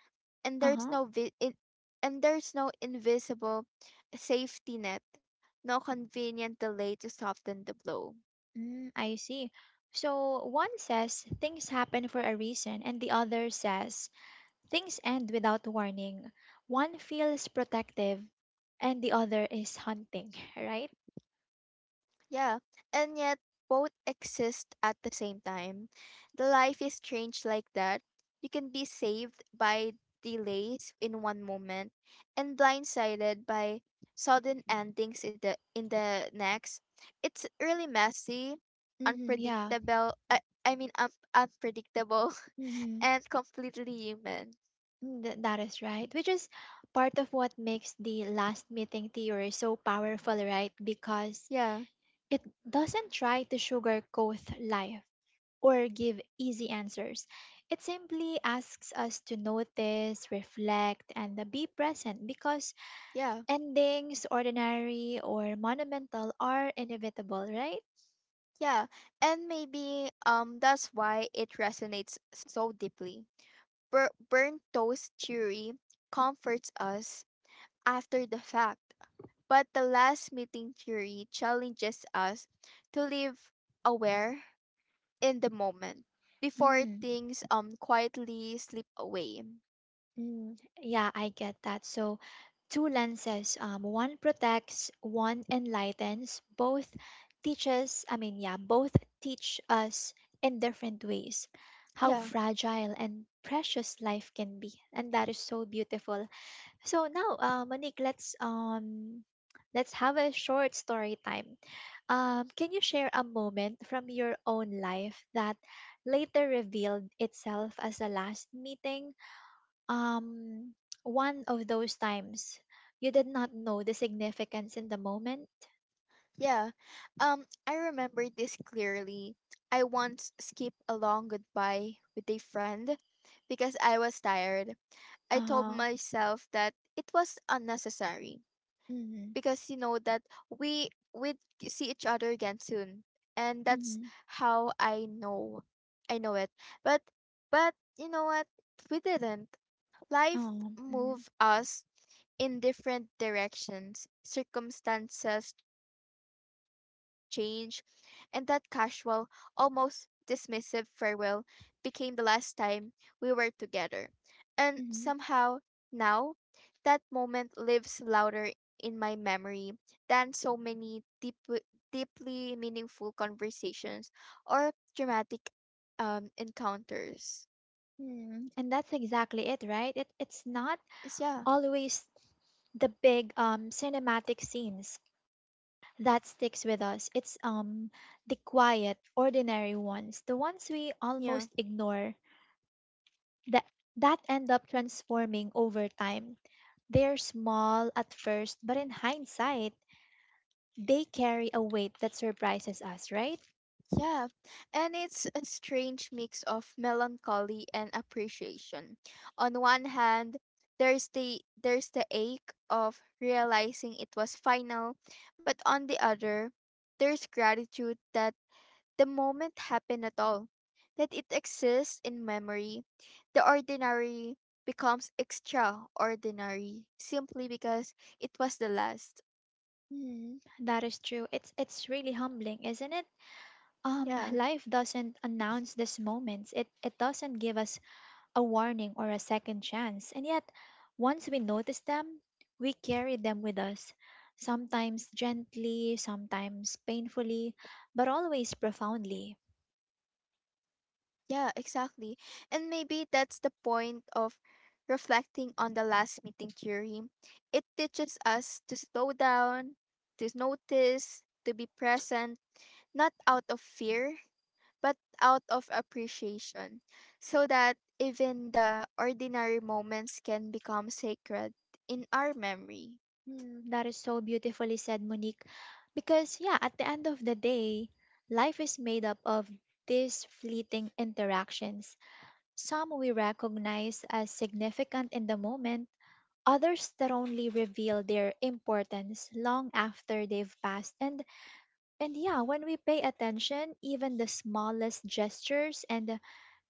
Speaker 2: and there's
Speaker 1: Uh-huh.
Speaker 2: no vi- in- and there's no invisible safety net, no convenient delay to soften the blow.
Speaker 1: Mm, I see. So one says things happen for a reason, and the other says things end without warning. One feels protective, and the other is hunting, right?
Speaker 2: Yeah, and yet both exist at the same time. The life is changed like that. You can be saved by delays in one moment and blindsided by sudden endings in the next. It's really messy,
Speaker 1: Mm-hmm, yeah.
Speaker 2: unpredictable. I mean, unpredictable
Speaker 1: Mm-hmm.
Speaker 2: and completely human.
Speaker 1: Mm, that is right. Which is part of what makes the last meeting theory so powerful, right? Because
Speaker 2: Yeah.
Speaker 1: it doesn't try to sugarcoat life or give easy answers. It simply asks us to notice, reflect, and be present because
Speaker 2: Yeah,
Speaker 1: endings, ordinary or monumental, are inevitable, right?
Speaker 2: yeah. And maybe that's why it resonates so deeply. Burnt toast theory comforts us after the fact, but the last meeting theory challenges us to live aware in the moment before
Speaker 1: Mm,
Speaker 2: things quietly slip away.
Speaker 1: mm, yeah, I get that. So, two lenses one protects, one enlightens, both teaches, I mean, yeah, both teach us in different ways how
Speaker 2: Yeah.
Speaker 1: fragile and precious life can be. And that is so beautiful. So now, Monique, let's have a short story time. Can you share a moment from your own life that later revealed itself as a last meeting? Um, one of those times you did not know the significance in the moment.
Speaker 2: Yeah. I remember this clearly. I once skipped a long goodbye with a friend because I was tired. I told
Speaker 1: Uh,
Speaker 2: myself that it was unnecessary
Speaker 1: mm-hmm,
Speaker 2: because you know that we would see each other again soon. And that's
Speaker 1: mm-hmm,
Speaker 2: how I know. I know it. But but you know what? We didn't. Life
Speaker 1: oh, mm-hmm,
Speaker 2: moved us in different directions, circumstances change, and that casual, almost dismissive farewell became the last time we were together. And
Speaker 1: mm-hmm.
Speaker 2: somehow, now, that moment lives louder in my memory than so many deep, deeply meaningful conversations or dramatic encounters.
Speaker 1: Mm. And that's exactly it, right? It's not
Speaker 2: 'Cause Yeah,
Speaker 1: always the big cinematic scenes that sticks with us. It's the quiet, ordinary ones, the ones we
Speaker 2: yeah.
Speaker 1: almost ignore, that that end up transforming over time. They're small at first, but in hindsight, they carry a weight that surprises us, right?
Speaker 2: Yeah, and it's a strange mix of melancholy and appreciation. On one hand, there's the ache of realizing it was final, but on the other, there's gratitude that the moment happened at all, that it exists in memory. The ordinary becomes extraordinary simply because it was the last.
Speaker 1: Mm, that is true. It's really humbling, isn't it?
Speaker 2: Yeah.
Speaker 1: Life doesn't announce these moments. It doesn't give us a warning or a second chance. And yet, once we notice them, we carry them with us, sometimes gently, sometimes painfully, but always profoundly.
Speaker 2: Yeah, exactly. And maybe that's the point of reflecting on the last meeting theory. It teaches us to slow down, to notice, to be present, not out of fear, but out of appreciation, so that even the ordinary moments can become sacred in our memory.
Speaker 1: Hmm, that is so beautifully said, Monique. Because, yeah, at the end of the day, life is made up of these fleeting interactions. Some we recognize as significant in the moment, others that only reveal their importance long after they've passed. And yeah, when we pay attention, even the smallest gestures and the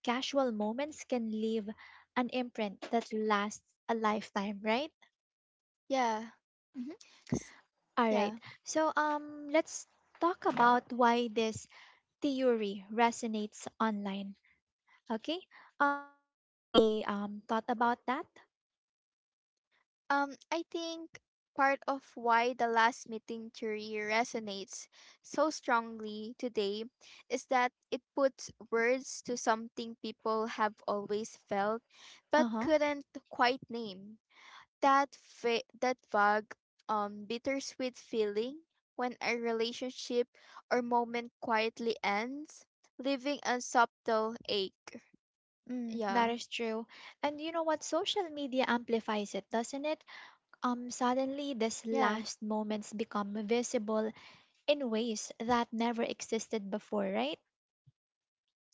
Speaker 1: casual moments can leave an imprint that lasts a lifetime, right?
Speaker 2: Yeah.
Speaker 1: Mhm.
Speaker 2: s-
Speaker 1: All right.
Speaker 2: Yeah.
Speaker 1: So let's talk about why this theory resonates online. Okay? Do you have any thought about that?
Speaker 2: I think part of why the last meeting theory resonates so strongly today is that it puts words to something people have always felt but
Speaker 1: Uh-huh.
Speaker 2: couldn't quite name. That vague, bittersweet feeling when a relationship or moment quietly ends, leaving a subtle ache.
Speaker 1: Mm, that
Speaker 2: Yeah,
Speaker 1: is true. And you know what? Social media amplifies it, doesn't it? Suddenly, these
Speaker 2: yeah.
Speaker 1: last moments become visible in ways that never existed before, right?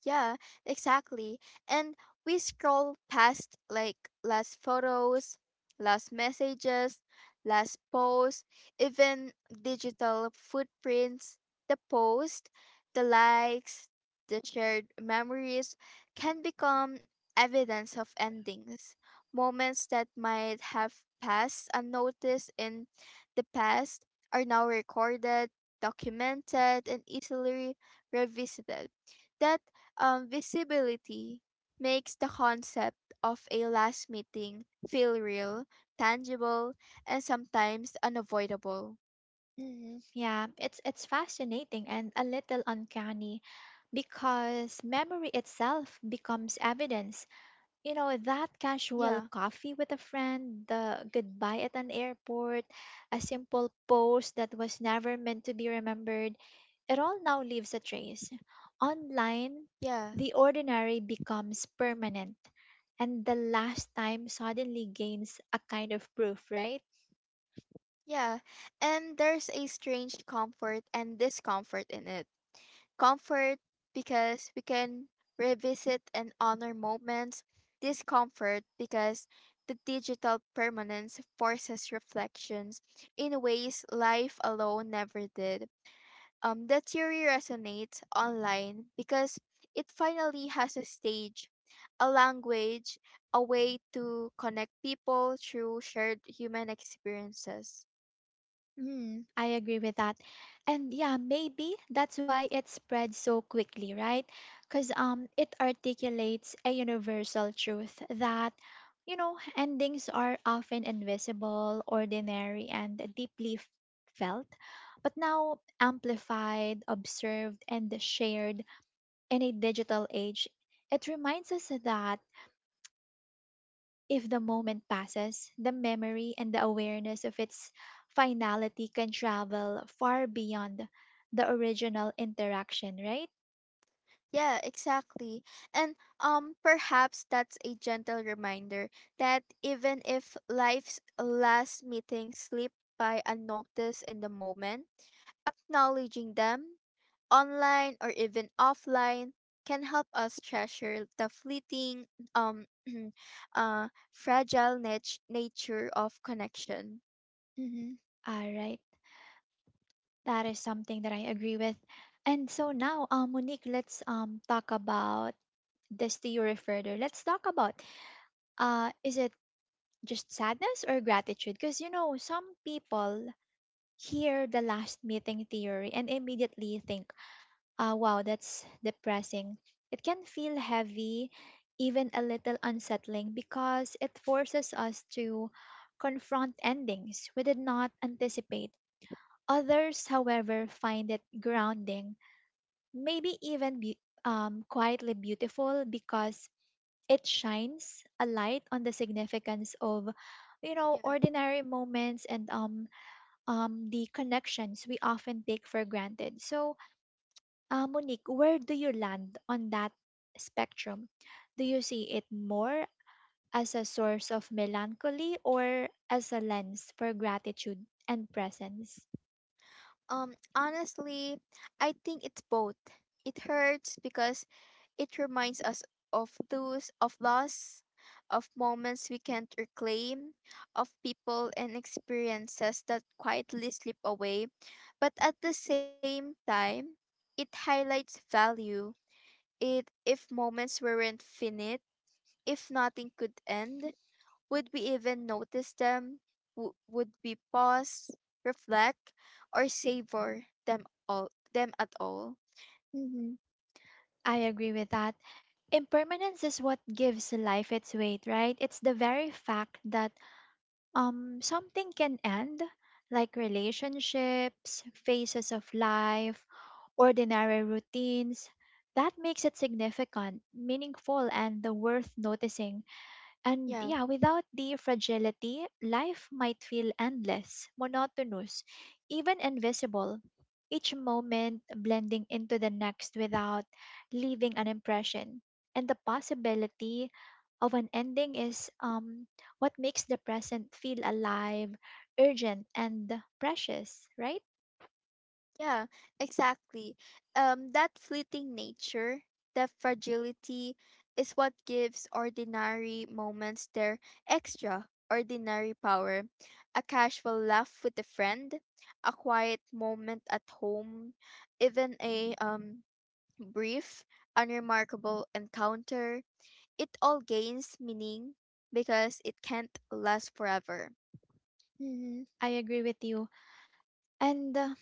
Speaker 2: Yeah, exactly. And we scroll past like last photos, last messages, last posts, even digital footprints. The post, the likes, the shared memories can become evidence of endings, moments that might have passed unnoticed in the past are now recorded, documented, and easily revisited. That visibility makes the concept of a last meeting feel real, tangible, and sometimes unavoidable.
Speaker 1: Hmm, yeah, it's fascinating and a little uncanny because memory itself becomes evidence. You know, that casual
Speaker 2: Yeah,
Speaker 1: coffee with a friend, the goodbye at an airport, a simple post that was never meant to be remembered, it all now leaves a trace. Online,
Speaker 2: yeah,
Speaker 1: the ordinary becomes permanent and the last time suddenly gains a kind of proof, right?
Speaker 2: yeah. And there's a strange comfort and discomfort in it. Comfort because we can revisit and honor moments, discomfort because the digital permanence forces reflections in ways life alone never did. That theory resonates online because it finally has a stage, a language, a way to connect people through shared human experiences.
Speaker 1: Mm, I agree with that. And yeah, maybe that's why it spread so quickly, right? Because it articulates a universal truth that, you know, endings are often invisible, ordinary, and deeply felt, but now amplified, observed, and shared in a digital age. It reminds us that even if the moment passes, the memory and the awareness of its finality can travel far beyond the original interaction, right?
Speaker 2: Yeah, exactly. And perhaps that's a gentle reminder that even if life's last meetings slip by unnoticed in the moment, acknowledging them online or even offline, can help us treasure the fleeting, um, nature of connection.
Speaker 1: Mm-hmm. All right. That is something that I agree with. And so now, Monique, let's talk about this to you, referrer. Let's talk about is it just sadness or gratitude? Because you know, some people hear the last meeting theory and immediately think, wow, that's depressing. It can feel heavy, even a little unsettling, because it forces us to confront endings we did not anticipate. Others, however, find it grounding, maybe even quietly beautiful because it shines a light on the significance of, you know,
Speaker 2: Yeah.
Speaker 1: ordinary moments, and um the connections we often take for granted. So Monique, where do you land on that spectrum? Do you see it more as a source of melancholy or as a lens for gratitude and presence?
Speaker 2: Honestly, I think it's both. It hurts because it reminds us of those of loss, of moments we can't reclaim, of people and experiences that quietly slip away. But at the same time, it highlights value. It If moments weren't finite, if nothing could end, would we even notice them? Would we pause, reflect, or savor them at all?
Speaker 1: Hmm, I agree with that. Impermanence is what gives life its weight, right? It's the very fact that something can end, like relationships, phases of life, ordinary routines, that makes it significant, meaningful, and worth noticing. And
Speaker 2: Yeah.
Speaker 1: yeah, without the fragility, life might feel endless, monotonous, even invisible. Each moment blending into the next without leaving an impression. And the possibility of an ending is what makes the present feel alive, urgent, and precious, right?
Speaker 2: Yeah, exactly. That fleeting nature, that fragility, is what gives ordinary moments their extraordinary power. A casual laugh with a friend, a quiet moment at home, even a brief, unremarkable encounter. It all gains meaning because it can't last forever.
Speaker 1: Mm-hmm. I agree with you. And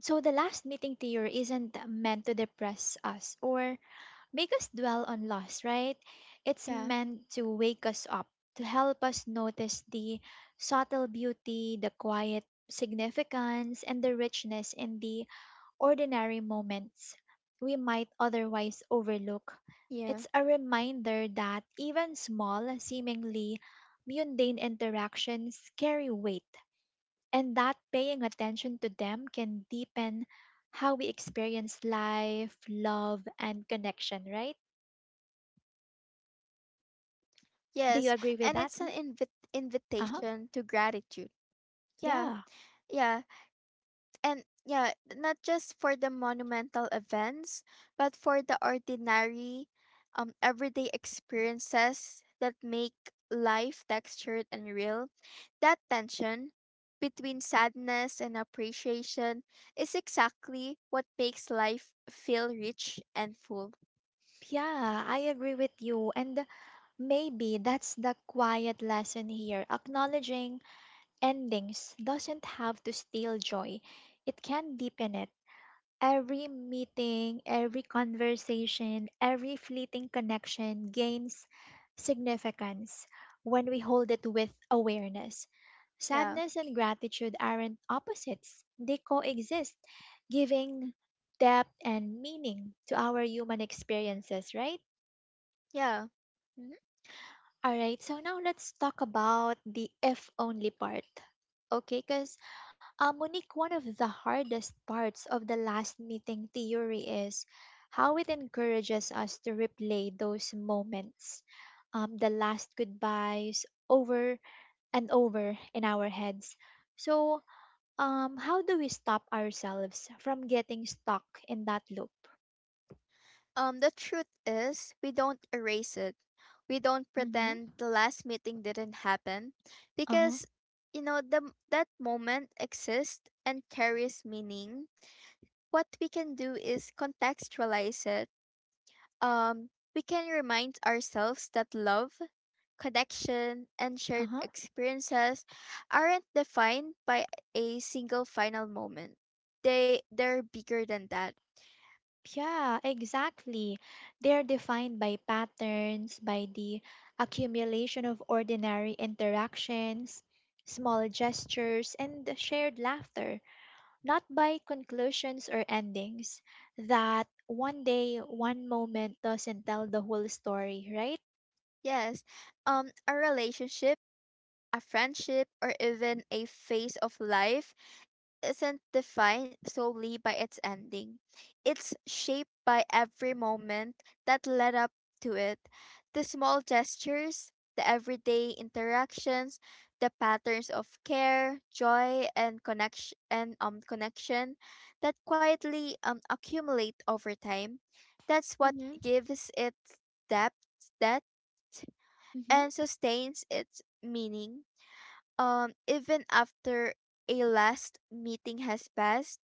Speaker 1: so the last meeting tier isn't meant to depress us or make us dwell on loss, right? It's
Speaker 2: Yeah,
Speaker 1: meant to wake us up, to help us notice the subtle beauty, the quiet significance, and the richness in the ordinary moments we might otherwise overlook.
Speaker 2: yeah.
Speaker 1: It's a reminder that even small, seemingly mundane interactions carry weight, and that paying attention to them can deepen how we experience life, love, and connection, right? Do you
Speaker 2: Yes,
Speaker 1: agree with
Speaker 2: and
Speaker 1: that?
Speaker 2: it's an
Speaker 1: Mm. Uh-huh.
Speaker 2: invitation to gratitude. Yeah,
Speaker 1: Yeah.
Speaker 2: yeah. And yeah, not just for the monumental events, but for the ordinary, everyday experiences that make life textured and real. That tension between sadness and appreciation is exactly what makes life feel rich and full.
Speaker 1: Yeah, I agree with you. And maybe that's the quiet lesson here. Acknowledging endings doesn't have to steal joy. It can deepen it. Every meeting, every conversation, every fleeting connection gains significance when we hold it with awareness.
Speaker 2: Yeah,
Speaker 1: Sadness and gratitude aren't opposites, they coexist, giving depth and meaning to our human experiences, right?
Speaker 2: yeah.
Speaker 1: Mhm. All right, so now let's talk about the if only part. Okay, because Monique, one of the hardest parts of the last meeting theory is how it encourages us to replay those moments, the last goodbyes, over and over in our heads. So, how do we stop ourselves from getting stuck in that loop?
Speaker 2: The truth is, we don't erase it. We don't
Speaker 1: Mm-hmm.
Speaker 2: pretend the last meeting didn't happen
Speaker 1: Uh huh.
Speaker 2: because, you know, that moment exists and carries meaning. What we can do is contextualize it. Um, we can remind ourselves that love, connection, and
Speaker 1: Uh
Speaker 2: shared
Speaker 1: huh.
Speaker 2: experiences aren't defined by a single final moment. They're bigger than that.
Speaker 1: Yeah, exactly. They're defined by patterns, by the accumulation of ordinary interactions, small gestures, and the shared laughter, not by conclusions or endings. That one day, one moment doesn't tell the whole story, right?
Speaker 2: Yes, a relationship a friendship, or even a phase of life isn't defined solely by its ending. It's shaped by every moment that led up to it. The small gestures, the everyday interactions, the patterns of care, joy, and connection that quietly accumulate over time. That's what
Speaker 1: Mm-hmm.
Speaker 2: gives it depth,
Speaker 1: Mm-hmm.
Speaker 2: and sustains its meaning even after a last meeting has passed.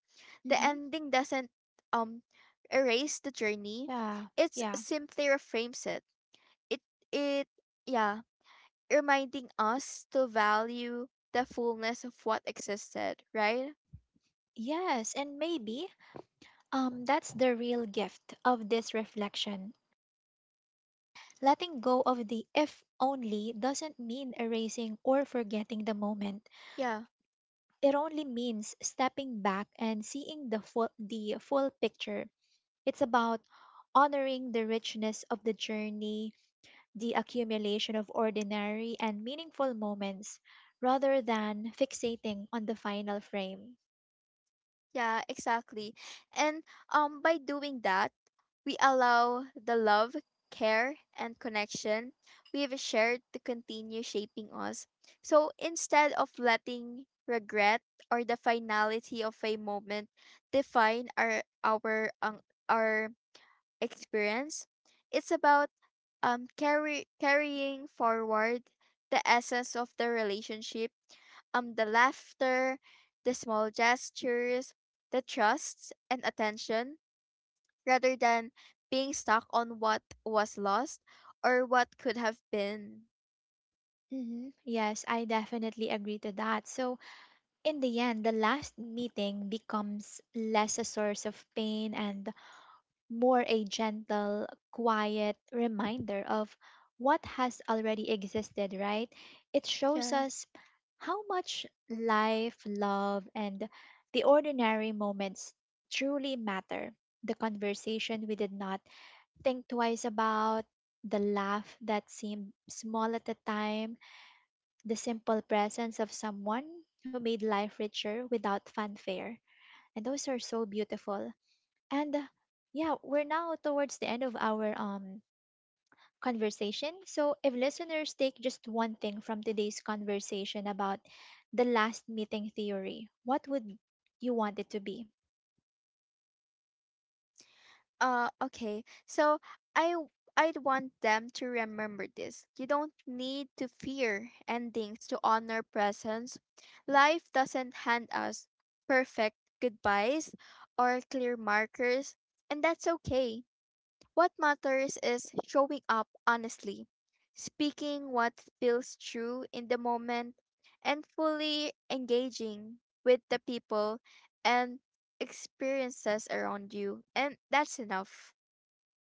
Speaker 2: The
Speaker 1: Mm-hmm.
Speaker 2: ending doesn't um erase the journey.
Speaker 1: Yeah,
Speaker 2: It
Speaker 1: yeah.
Speaker 2: simply reframes it, it it yeah reminding us to value the fullness of what existed, right?
Speaker 1: Yes, and maybe that's the real gift of this reflection. Letting go of the if only doesn't mean erasing or forgetting the moment.
Speaker 2: Yeah,
Speaker 1: It only means stepping back and seeing the full picture. It's about honoring the richness of the journey, the accumulation of ordinary and meaningful moments, rather than fixating on the final frame.
Speaker 2: yeah, exactly. And by doing that we allow the love, care, and connection we have shared to continue shaping us. So instead of letting regret or the finality of a moment define our experience, it's about carrying forward the essence of the relationship, the laughter, the small gestures, the trusts and attention rather than being stuck on what was lost or what could have been.
Speaker 1: Hmm, yes, I definitely agree to that. So, in the end, the last meeting becomes less a source of pain and more a gentle, quiet reminder of what has already existed, right? It shows
Speaker 2: Yeah.
Speaker 1: us how much life, love, and the ordinary moments truly matter. The conversation we did not think twice about, the laugh that seemed small at the time, the simple presence of someone who made life richer without fanfare. And those are so beautiful. And yeah, we're now towards the end of our conversation. So if listeners take just one thing from today's conversation about the last meeting theory, what would you want it to be?
Speaker 2: Okay. So I'd want them to remember this. You don't need to fear endings to honor presence. Life doesn't hand us perfect goodbyes or clear markers, and that's okay. What matters is showing up honestly, speaking what feels true in the moment, and fully engaging with the people and experiences around you. And that's enough.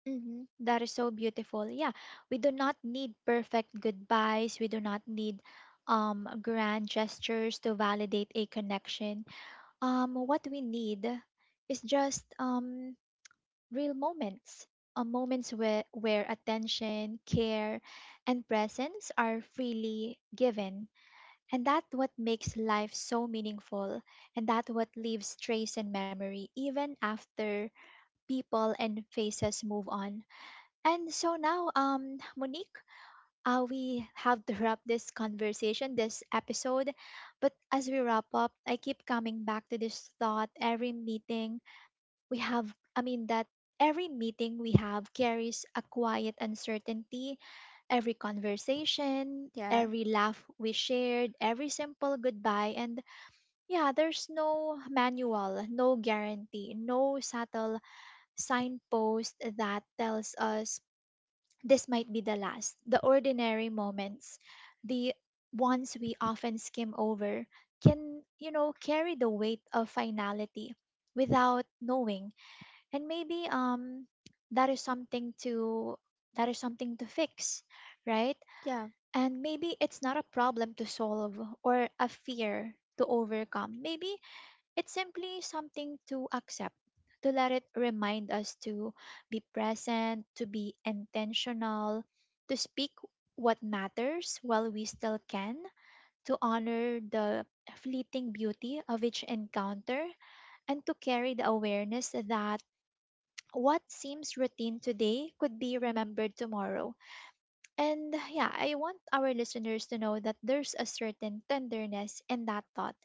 Speaker 1: Mm-hmm. That is so beautiful. Yeah, we do not need perfect goodbyes. We do not need grand gestures to validate a connection. What we need is just real moments, moments where attention, care, and presence are freely given. And that's what makes life so meaningful, and that's what leaves trace in memory even after people and faces move on. And so now, Monique, we have to wrap this conversation, this episode. But as we wrap up, I keep coming back to this thought. We have i mean that every meeting we have carries a quiet uncertainty. Every conversation,
Speaker 2: Yeah.
Speaker 1: every laugh we shared, every simple goodbye, and yeah, there's no manual, no guarantee, no subtle signpost that tells us this might be the last. The ordinary moments, the ones we often skim over, can, you know, carry the weight of finality without knowing. And maybe that is something to that is something to fix, right?
Speaker 2: Yeah.
Speaker 1: And maybe it's not a problem to solve or a fear to overcome. Maybe it's simply something to accept, to let it remind us to be present, to be intentional, to speak what matters while we still can, to honor the fleeting beauty of each encounter, and to carry the awareness that what seems routine today could be remembered tomorrow. And yeah, I want our listeners to know that there's a certain tenderness in that thought,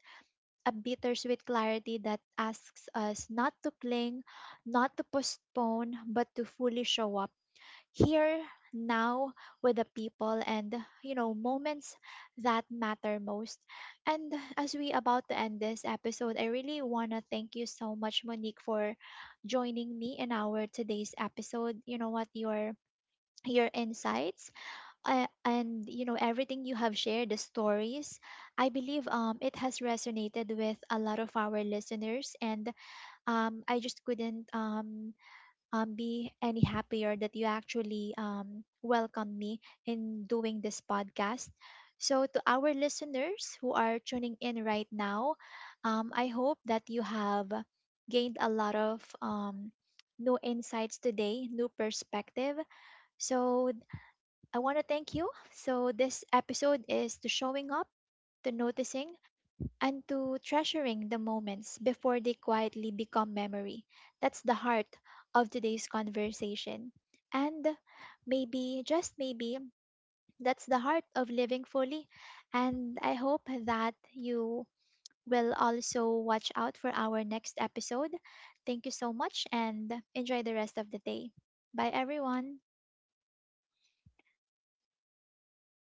Speaker 1: a bittersweet clarity that asks us not to cling, not to postpone, but to fully show up here, now, with the people and, you know, moments that matter most. And as we about to end this episode, I really want to thank you so much, Monique, for joining me in our today's episode. You know what, your insights and, you know, everything you have shared, the stories, I believe it has resonated with a lot of our listeners. And I just couldn't be any happier that you actually welcome me in doing this podcast. So, to our listeners who are tuning in right now, I hope that you have gained a lot of new insights today, new perspective. So, I want to thank you. So, this episode is to showing up, to noticing, and to treasuring the moments before they quietly become memory. That's the heart of today's conversation. And maybe, just maybe, that's the heart of living fully. And I hope that you will also watch out for our next episode. Thank you so much and enjoy the rest of the day. Bye, everyone.